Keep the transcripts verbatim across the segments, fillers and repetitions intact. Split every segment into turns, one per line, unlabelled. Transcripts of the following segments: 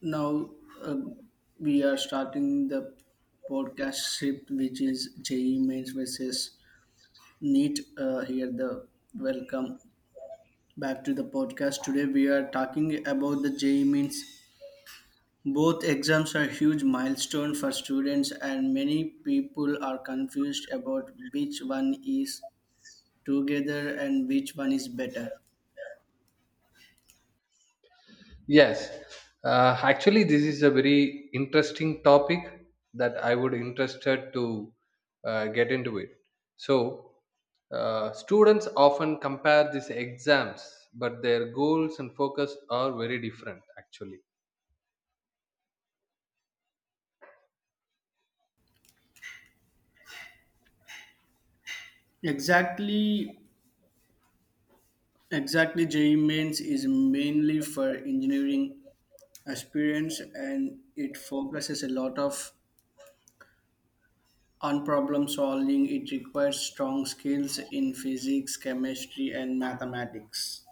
Now um, we are starting the podcast shift, which is J E E Mains versus NEET. Uh, here, the Welcome back to the podcast. Today, we are talking about the J E E Mains. Both exams are huge milestone for students, and many people are confused about which one is together and which one is better.
Yes, uh, actually, this is a very interesting topic that I would interested to uh, get into it. So, uh, students often compare these exams, but their goals and focus are very different. Actually,
Exactly, exactly. J E E Mains is mainly for engineering experience and it focuses a lot of on problem solving, it requires strong skills in physics, chemistry and mathematics.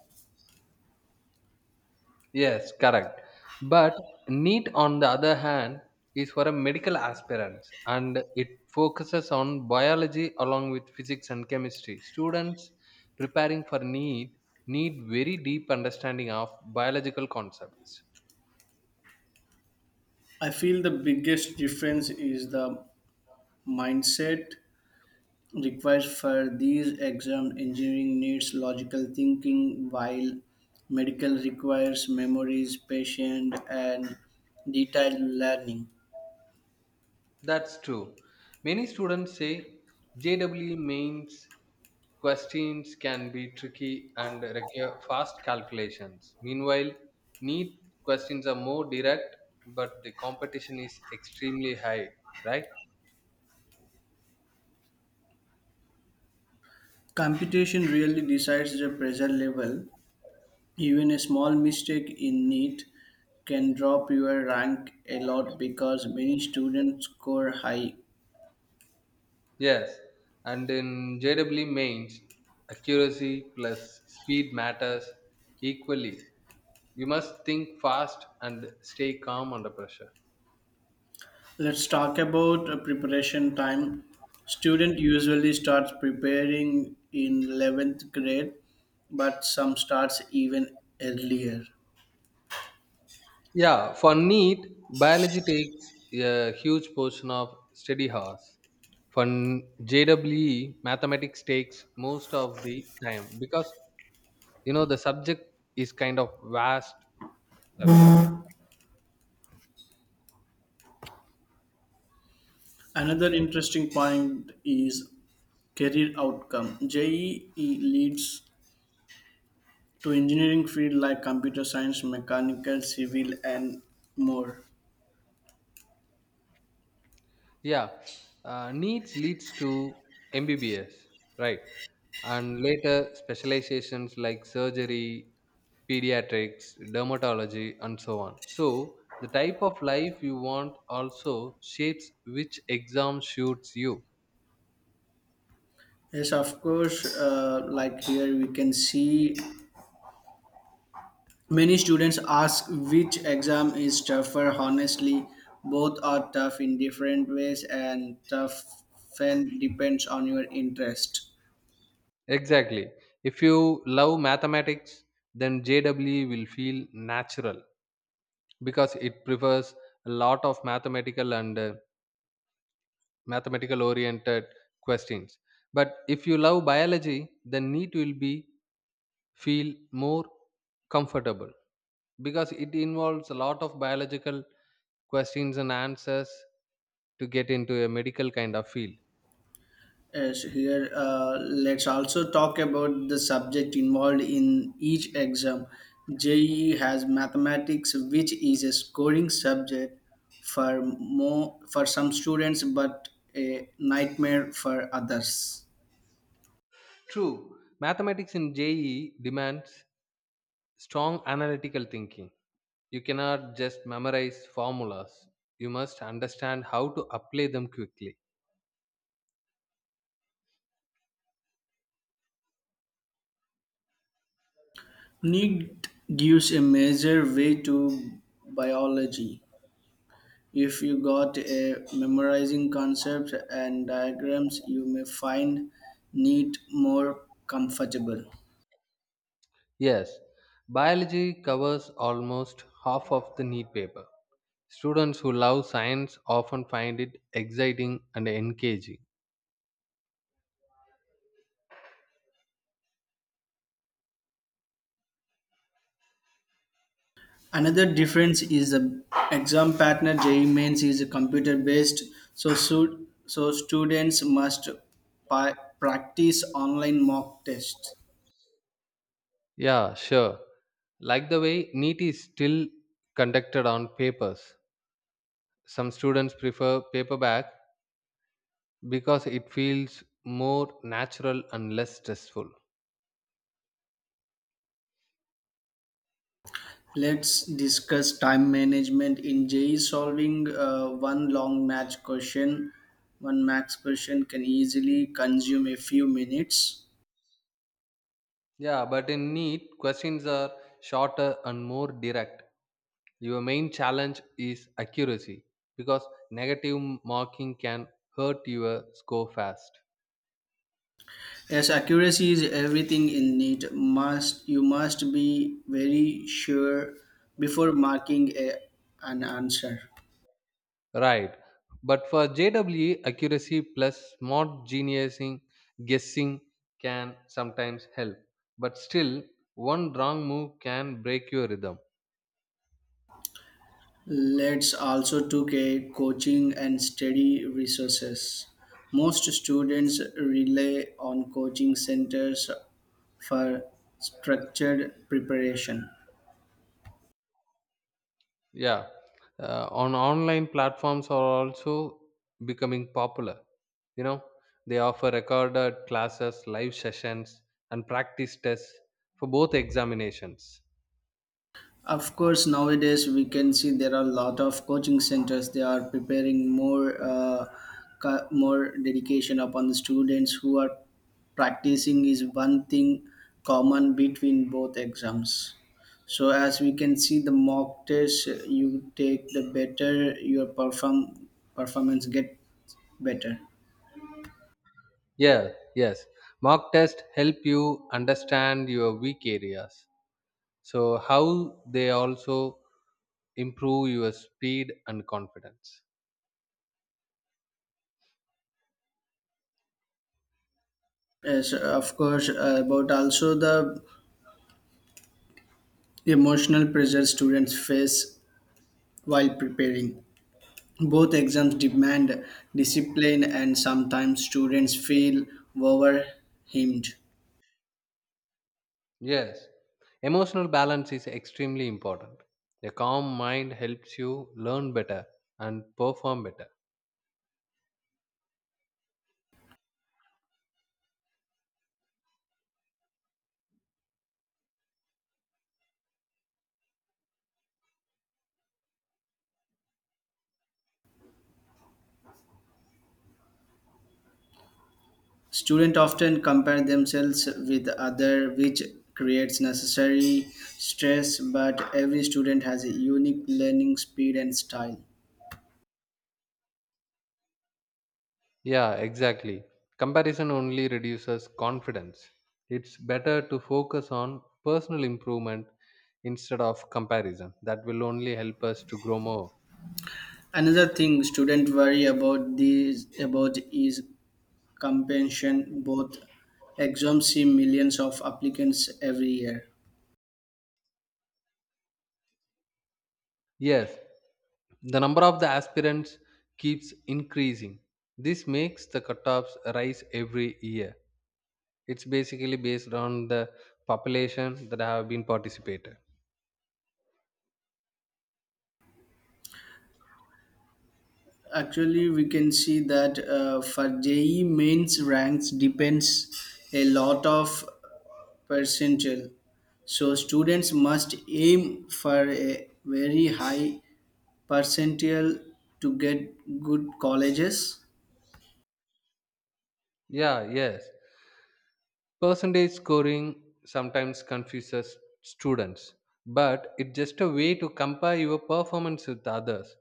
yes, correct. But NEET, on the other hand, is for a medical aspirants and it focuses on biology along with physics and chemistry. Students preparing for NEET need very deep understanding of biological concepts.
I feel the biggest difference is the mindset required for these exams. Engineering needs logical thinking while medical requires memories, patience and detailed learning.
That's true. Many students say J W E means questions can be tricky and require fast calculations. Meanwhile, neat questions are more direct, but the competition is extremely high, right?
Computation really decides the pressure level. Even a small mistake in it can drop your rank a lot because many students score high.
Yes. And in J W mains, accuracy plus speed matters equally. You must think fast and stay calm under pressure.
Let's talk about uh, preparation time. Student usually starts preparing in eleventh grade, but some starts even earlier.
Yeah, for NEET, biology takes a huge portion of study hours. For n- J W E, mathematics takes most of the time because you know the subject is kind of vast subject.
Another interesting point is career outcome. J E E leads to engineering field like computer science, mechanical, civil and more.
Yeah, uh, needs leads to M B B S, right? And later specializations like surgery, pediatrics, dermatology, and so on. So, the type of life you want also shapes which exam suits you.
Yes, of course. Uh, like here, we can see many students ask which exam is tougher. Honestly, both are tough in different ways, and tough often depends on your interest.
Exactly. If you love mathematics, then J W E will feel natural because it prefers a lot of mathematical and uh, mathematical oriented questions. But if you love biology, the NEET will be feel more comfortable because it involves a lot of biological questions and answers to get into a medical kind of field.
Yes, here, uh, let's also talk about the subject involved in each exam. J E E has mathematics, which is a scoring subject for more, for some students, but a nightmare for others.
True, mathematics in je demands strong analytical thinking. You cannot just memorize formulas. You must understand how to apply them quickly.
Need gives a major way to biology. If you got a memorizing concepts and diagrams, you may find need more comfortable.
Yes, biology covers almost half of the NEET paper. Students who love science often find it exciting and engaging.
Another difference is the exam pattern. J E E mains is computer based, so su- so students must pi- practice online mock tests.
Yeah, sure. Like the way NEET is still conducted on papers. Some students prefer paperback because it feels more natural and less stressful.
Let's discuss time management in J E E. Solving uh, one long match question, one max question can easily consume a few minutes.
Yeah, but in NEET, questions are shorter and more direct. Your main challenge is accuracy because negative marking can hurt your score fast.
Yes, accuracy is everything in it. Must You must be very sure before marking a, an answer.
Right. But for J W E, accuracy plus smart geniusing, guessing can sometimes help. But still, one wrong move can break your rhythm.
Let's also took a coaching and study resources. Most students rely on coaching centers for structured preparation.
Yeah. Uh, on online platforms are also becoming popular. You know, they offer recorded classes, live sessions, and practice tests for both examinations.
Of course, nowadays we can see there are a lot of coaching centers. They are preparing more, uh, ca- more dedication upon the students who are practicing is one thing common between both exams. So as we can see, the mock test you take, the better your perform performance get better.
Yeah, yes. Mock tests help you understand your weak areas. So how they also improve your speed and confidence.
Yes, of course, uh, about also the emotional pressure students face while preparing. Both exams demand discipline and sometimes students feel overwhelmed.
Yes, emotional balance is extremely important. A calm mind helps you learn better and perform better.
Students often compare themselves with other which creates necessary stress, but every student has a unique learning speed and style.
Yeah, exactly. Comparison only reduces confidence. It's better to focus on personal improvement instead of comparison that will only help us to grow more.
Another thing students worry about these about is compensation, both exams see millions of applicants every year.
Yes, the number of the aspirants keeps increasing. This makes the cutoffs rise every year. It's basically based on the population that have been participated.
Actually, we can see that uh, for J E E mains ranks depends a lot of percentile. So students must aim for a very high percentile to get good colleges.
Yeah, yes. Percentage scoring sometimes confuses students, but it's just a way to compare your performance with others.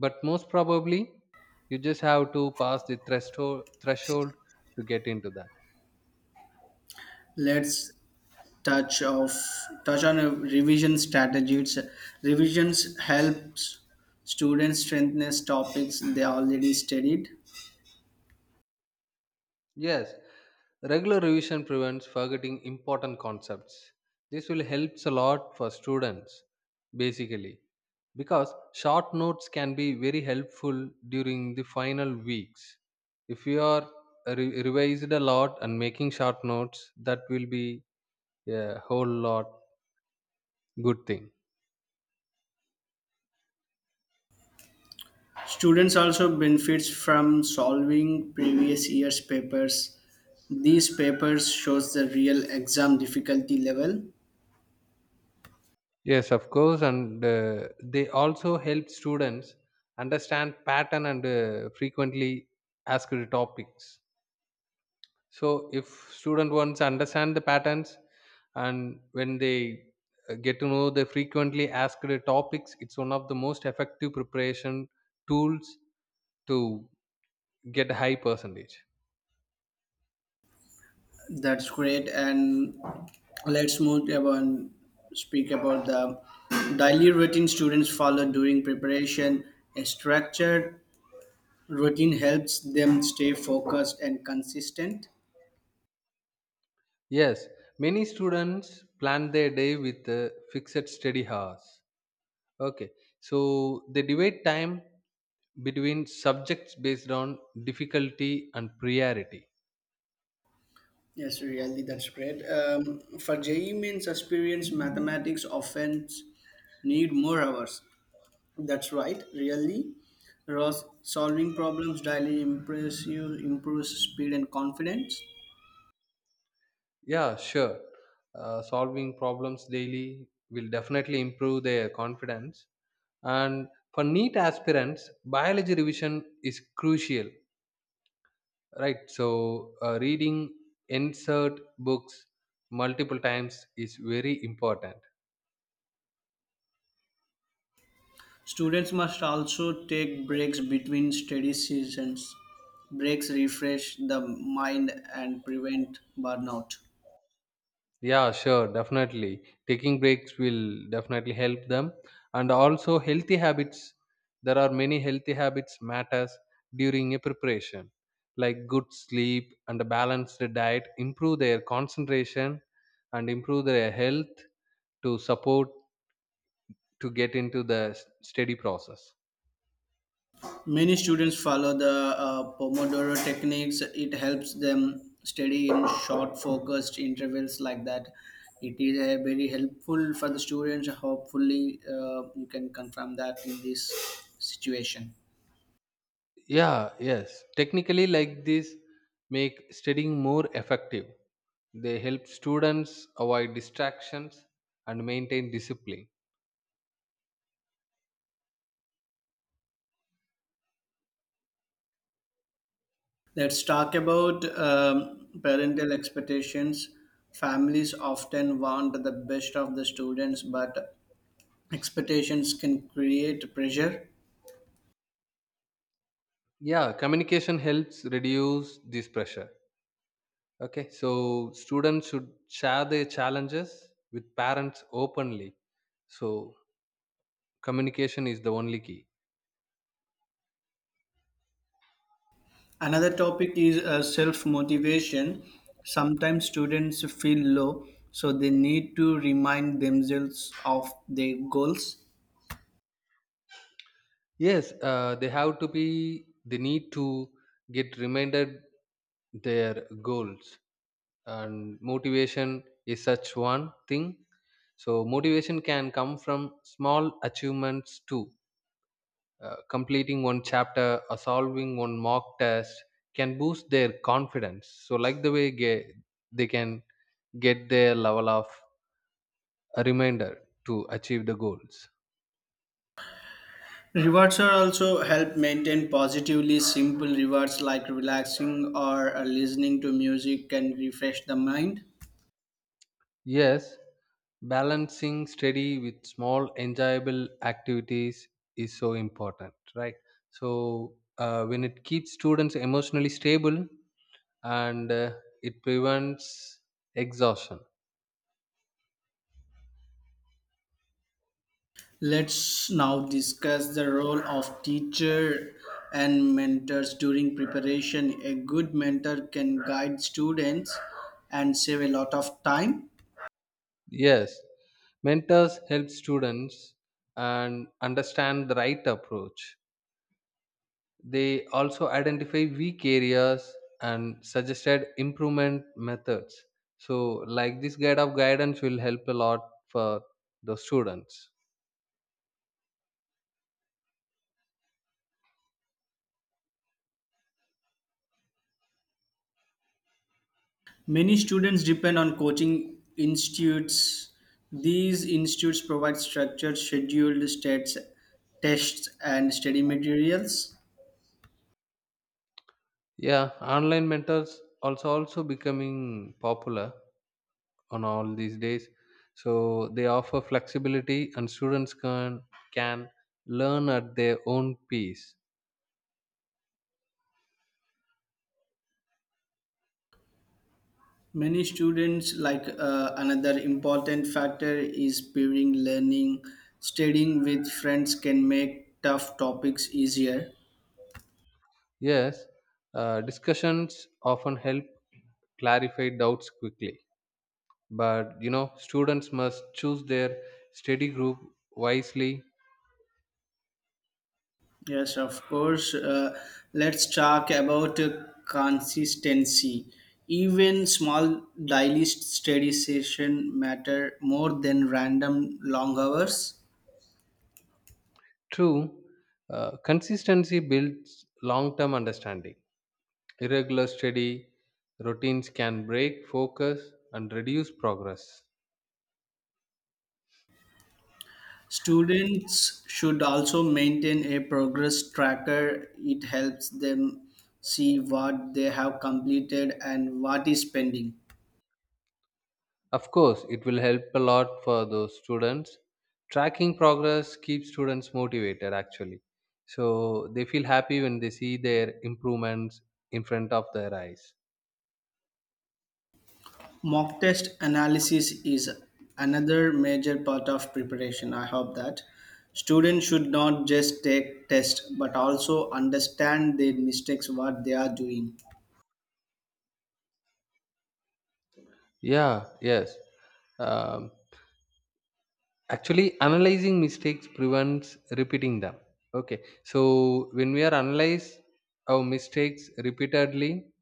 But most probably, you just have to pass the threshold threshold to get into that.
Let's touch of touch on a revision strategies. Revisions helps students strengthen topics they already studied.
Yes, regular revision prevents forgetting important concepts. This will helps a lot for students basically because short notes can be very helpful during the final weeks. If you are re- revised a lot and making short notes, that will be a whole lot good thing.
Students also benefits from solving previous year's papers. These papers shows the real exam difficulty level.
Yes, of course, and uh, they also help students understand pattern and uh, frequently asked topics. So if student wants understand the patterns and when they uh, get to know the frequently asked topics, it's one of the most effective preparation tools to get a high percentage.
That's great. And let's move about speak about the daily routine students follow during preparation. A structured routine helps them stay focused and consistent.
Yes, many students plan their day with uh, fixed study hours. Okay, so they divide time between subjects based on difficulty and priority.
Yes, really, that's great. Um, for J E means experience, mathematics often need more hours. That's right, really. Ross solving problems daily impress you improves speed and confidence.
Yeah, sure. Uh, solving problems daily will definitely improve their confidence. And for NEET aspirants, biology revision is crucial, right? So, uh, reading insert books multiple times is very important.
Students must also take breaks between study sessions. Breaks refresh the mind and prevent burnout.
Yeah, sure, definitely. Taking breaks will definitely help them. And also healthy habits. There are many healthy habits matters during a preparation. Like good sleep and a balanced diet improve their concentration and improve their health to support to get into the s- steady process.
Many students follow the uh, Pomodoro techniques. It helps them study in short, focused intervals like that. It is uh, very helpful for the students. Hopefully, uh, you can confirm that in this situation.
Yeah, yes. Technically like this make studying more effective. They help students avoid distractions and maintain discipline.
Let's talk about um, parental expectations. Families often want the best of the students, but expectations can create pressure.
Yeah, communication helps reduce this pressure. Okay, so students should share their challenges with parents openly. So communication is the only key.
Another topic is uh, self motivation. Sometimes students feel low, so they need to remind themselves of their goals.
Yes, uh, they have to be they need to get reminded their goals. And motivation is such one thing. So motivation can come from small achievements too. Uh, completing one chapter or solving one mock test can boost their confidence. So like the way ge- they can get their level of a reminder to achieve the goals.
Rewards are also help maintain positively, simple rewards like relaxing or uh, listening to music can refresh the mind.
Yes, balancing study with small enjoyable activities is so important, right? So uh, when it keeps students emotionally stable and uh, it prevents exhaustion.
Let's now discuss the role of teacher and mentors during preparation. A good mentor can guide students and save a lot of time.
Yes, mentors help students and understand the right approach. They also identify weak areas and suggested improvement methods. So, like this guide of guidance will help a lot for the students.
Many students depend on coaching institutes. These institutes provide structured, scheduled stats, tests, and study materials.
Yeah, online mentors also also becoming popular on all these days. So they offer flexibility and students can can learn at their own pace.
Many students, like uh, another important factor, is pairing learning. Studying with friends can make tough topics easier.
Yes, uh, discussions often help clarify doubts quickly. But you know, students must choose their study group wisely.
Yes, of course. Uh, let's talk about uh, consistency. Even small daily study session matter more than random long hours.
True, uh, consistency builds long term understanding. Irregular study routines can break focus and reduce progress.
Students should also maintain a progress tracker. It helps them see what they have completed and what is pending.
Of course, it will help a lot for those students. Tracking progress keeps students motivated actually. So they feel happy when they see their improvements in front of their eyes.
Mock test analysis is another major part of preparation. I hope that students should not just take tests but also understand their mistakes, what they are doing.
Yeah, yes. Um, actually, analyzing mistakes prevents repeating them. Okay, so when we are analyze our mistakes repeatedly,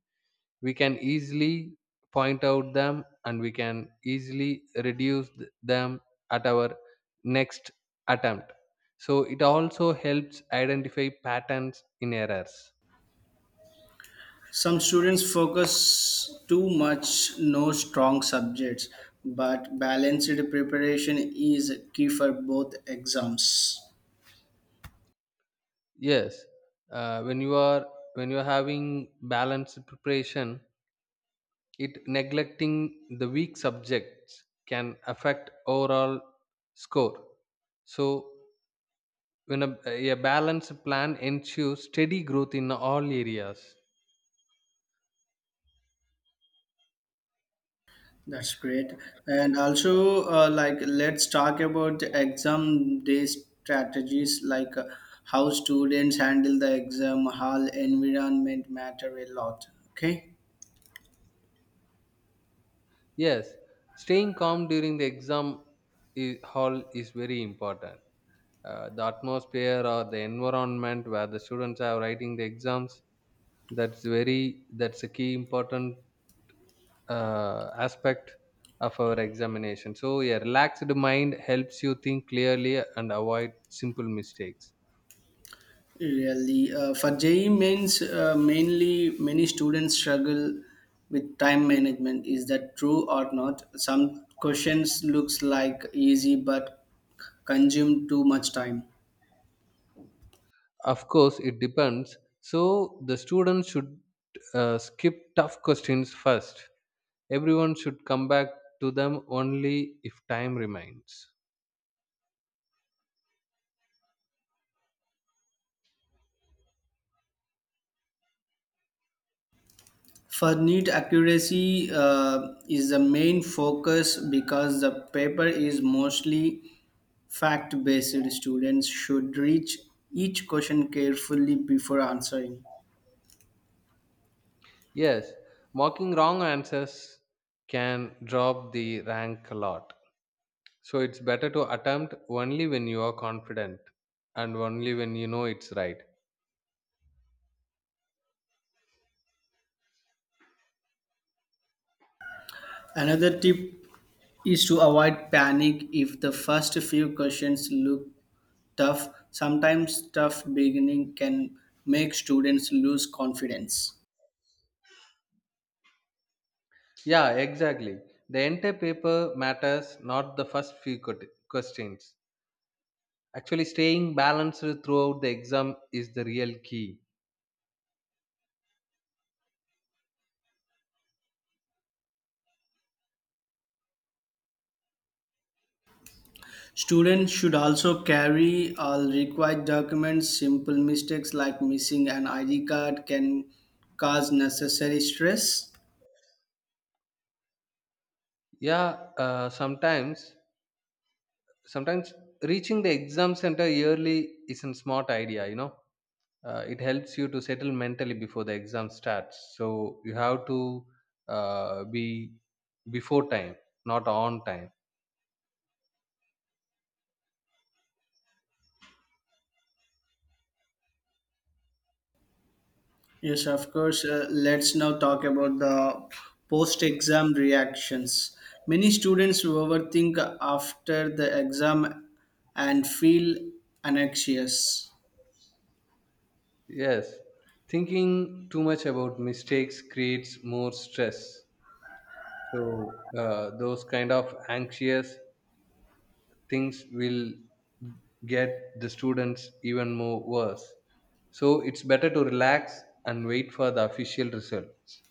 we can easily point out them and we can easily reduce th- them at our next attempt. So it also helps identify patterns in errors.
Some students focus too much no strong subjects, but balanced preparation is key for both exams.
Yes, uh, when you are when you are having balanced preparation, it neglecting the weak subjects can affect overall score. So when a, a balanced plan ensures steady growth in all areas.
That's great. And also, uh, like, let's talk about the exam day strategies, like uh, how students handle the exam hall environment matter a lot. Okay.
Yes, staying calm during the exam i- hall is very important. Uh, the atmosphere or the environment where the students are writing the exams, that's very that's a key important uh, aspect of our examination. So a relaxed mind helps you think clearly and avoid simple mistakes.
Really, uh, for J E E means uh, mainly many students struggle with time management. Is that true or not? Some questions looks like easy, but consume too much time.
Of course, it depends. So the students should uh, skip tough questions first. Everyone should come back to them only if time remains.
For neat accuracy uh, is the main focus because the paper is mostly fact based. Students should read each question carefully before answering.
Yes, mocking wrong answers can drop the rank a lot. So it's better to attempt only when you are confident and only when you know it's right.
Another tip is to avoid panic if the first few questions look tough. Sometimes tough beginning can make students lose confidence.
Yeah, exactly. The entire paper matters, not the first few quet- questions. Actually, staying balanced throughout the exam is the real key.
Students should also carry all required documents. Simple mistakes like missing an I D card can cause necessary stress.
Yeah, uh, sometimes sometimes reaching the exam center early is a smart idea, you know. Uh, it helps you to settle mentally before the exam starts. So you have to uh, be before time, not on time.
Yes, of course. Uh, let's now talk about the post exam reactions. Many students overthink after the exam and feel anxious.
Yes, thinking too much about mistakes creates more stress. So uh, those kind of anxious things will get the students even more worse. So it's better to relax and wait for the official results.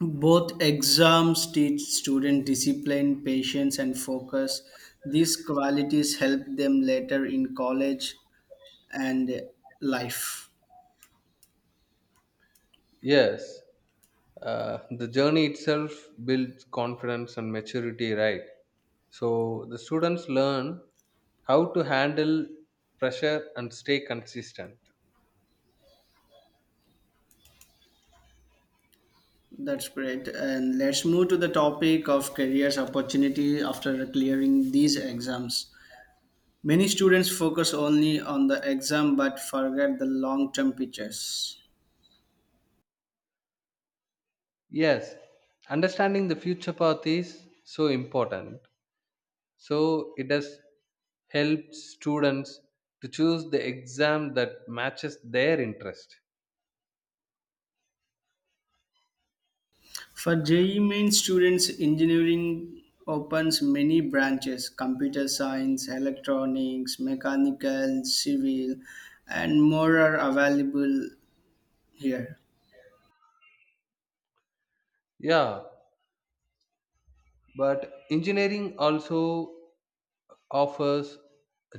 Both exams teach student discipline, patience, and focus. These qualities help them later in college and life.
Yes, uh, the journey itself builds confidence and maturity, right? So the students learn how to handle pressure and stay consistent.
That's great. And let's move to the topic of careers opportunity after clearing these exams. Many students focus only on the exam but forget the long term pictures.
Yes, understanding the future path is so important. So it has helped students to choose the exam that matches their interest.
For J E E main students, engineering opens many branches: computer science, electronics, mechanical, civil, and more are available here.
Yeah, but engineering also offers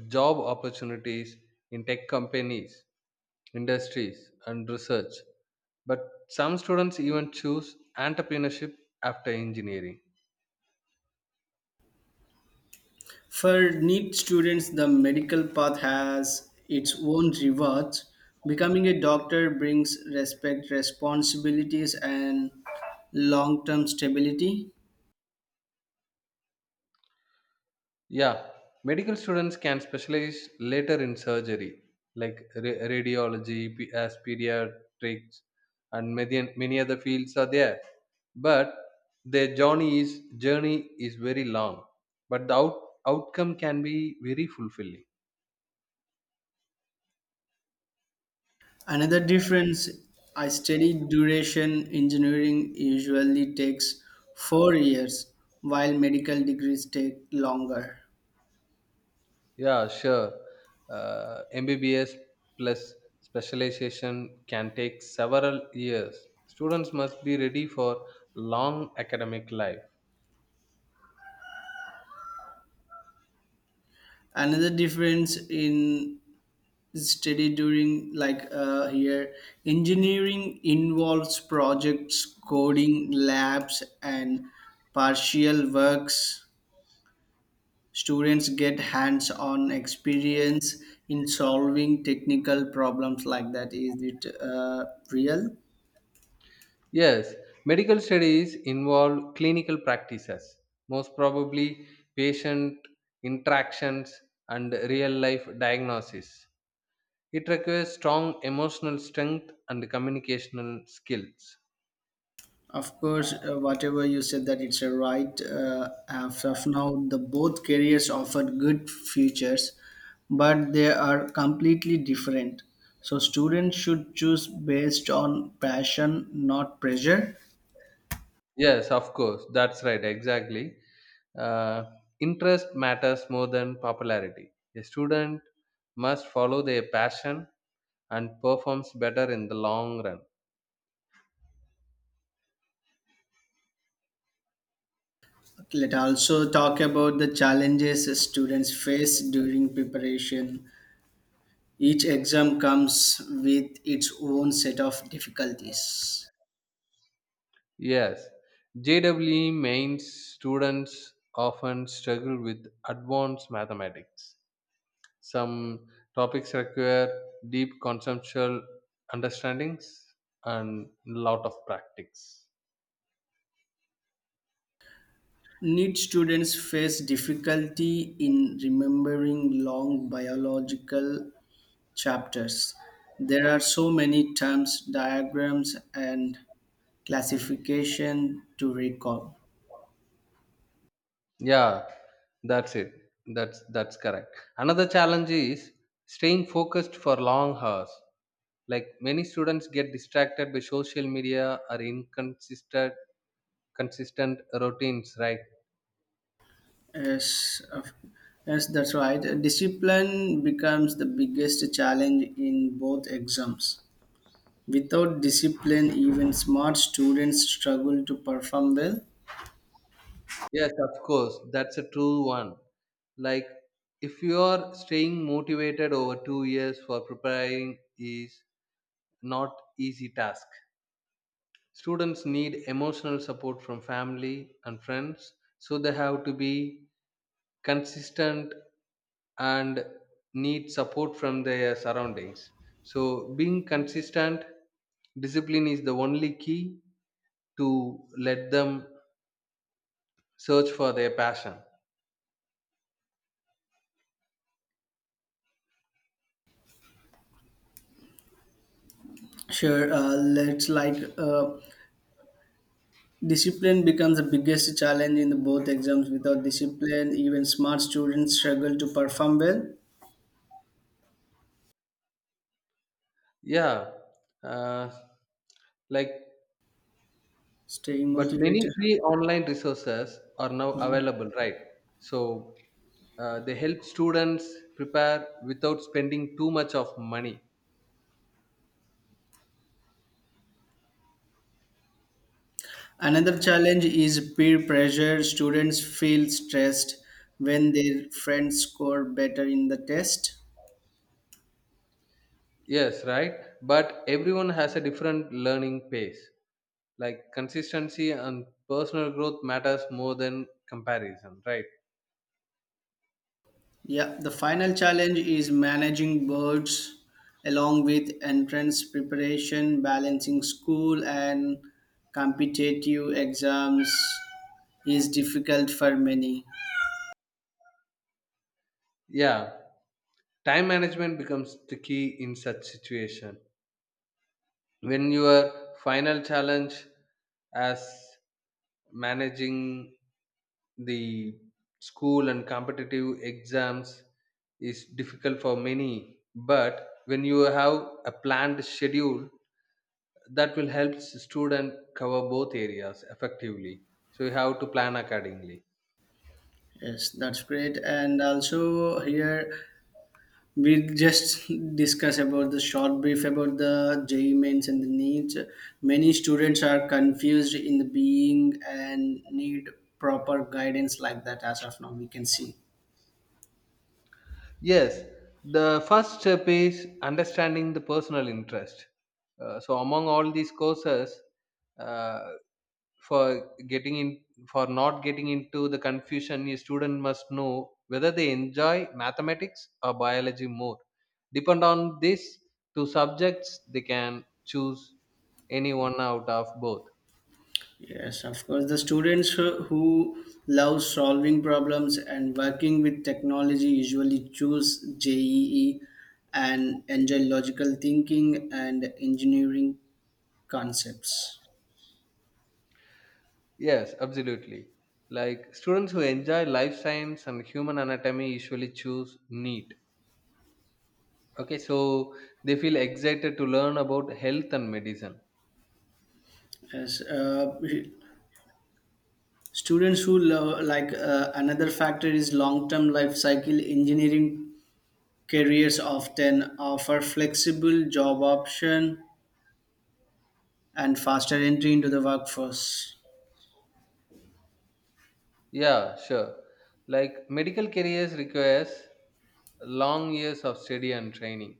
job opportunities in tech companies, industries, and research. But some students even choose entrepreneurship after engineering.
For NEET students, the medical path has its own rewards. Becoming a doctor brings respect, responsibilities, and long term stability.
Yeah, medical students can specialize later in surgery, like ra- radiology, p- as pediatrics, and many, many other fields are there. But their journey is journey is very long, but the out, outcome can be very fulfilling.
Another difference I studied duration, engineering usually takes four years, while medical degrees take longer.
Yeah, sure. Uh, M B B S plus specialization can take several years. Students must be ready for long academic life.
Another difference in study during, like uh, here engineering involves projects, coding labs and partial works, students get hands on experience in solving technical problems like that. Is it uh, real?
Yes, medical studies involve clinical practices, most probably patient interactions and real life diagnosis. It requires strong emotional strength and communicational skills.
Of course, uh, whatever you said that it's a right. Uh, as of now, the both careers offer good futures, but they are completely different. So students should choose based on passion, not pressure.
Yes, of course, that's right, exactly. Uh, Interest matters more than popularity. A student must follow their passion and performs better in the long run.
Let also talk about the challenges students face during preparation. Each exam comes with its own set of difficulties.
Yes, J W E mains students often struggle with advanced mathematics. Some topics require deep conceptual understandings and lot of practice.
Need students face difficulty in remembering long biological chapters. There are so many terms, diagrams, and classification to recall.
Yeah, that's it. That's that's correct. Another challenge is staying focused for long hours. Like many students get distracted by social media or inconsistent consistent routines, right?
Yes, of- yes, that's right. Discipline becomes the biggest challenge in both exams. Without discipline, even smart students struggle to perform well.
Yes, of course. That's a true one. Like, if you are staying motivated over two years for preparing is not easy task. Students need emotional support from family and friends, so they have to be consistent and need support from their surroundings. So, being consistent, discipline is the only key to let them search for their passion.
Sure, uh, let's like uh, discipline becomes the biggest challenge in both exams. Without discipline, even smart students struggle to perform well,
Yeah, uh, like,
staying
but many
motivated.
free online resources are now available, right? So uh, they help students prepare without spending too much of money.
Another challenge is peer pressure. Students feel stressed when their friends score better in the test.
Yes, right. But everyone has a different learning pace. Like consistency and personal growth matters more than comparison, right?
Yeah, the final challenge is managing boards along with entrance preparation, balancing school and competitive exams is difficult for many.
Yeah. Time management becomes the key in such situation. When your final challenge as managing the school and competitive exams is difficult for many, but when you have a planned schedule, that will help student cover both areas effectively. So you have to plan accordingly.
Yes, that's great. And also here we just discuss about the short brief about the J E E mains and the needs. Many students are confused in the being and need proper guidance like that as of now we can see.
Yes, the first step is understanding the personal interest. Uh, so among all these courses, uh, for getting in for not getting into the confusion, a student must know whether they enjoy mathematics or biology more. Depend on these two subjects, they can choose any one out of both.
Yes, of course. The students who who love solving problems and working with technology usually choose J E E and enjoy logical thinking and engineering concepts.
Yes, absolutely. Like students who enjoy life science and human anatomy usually choose neat. Okay, so they feel excited to learn about health and medicine.
Yes, uh, students who love, like uh, another factor is long-term life cycle, engineering careers often offer flexible job option and faster entry into the workforce.
Yeah, sure. Like medical careers requires long years of study and training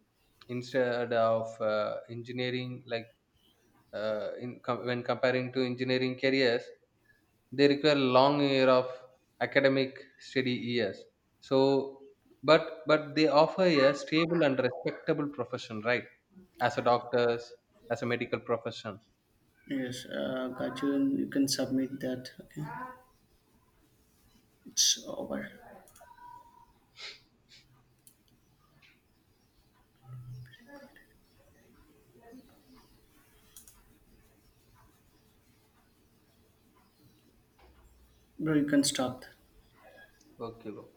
instead of uh, engineering. Like uh, in com- when comparing to engineering careers, they require long year of academic study years. So, but but they offer a stable and respectable profession, right? As a doctors, as a medical profession.
Yes, uh, Kajun, you can submit that. Okay, it's over. Bro, you can stop.
Okay, bro.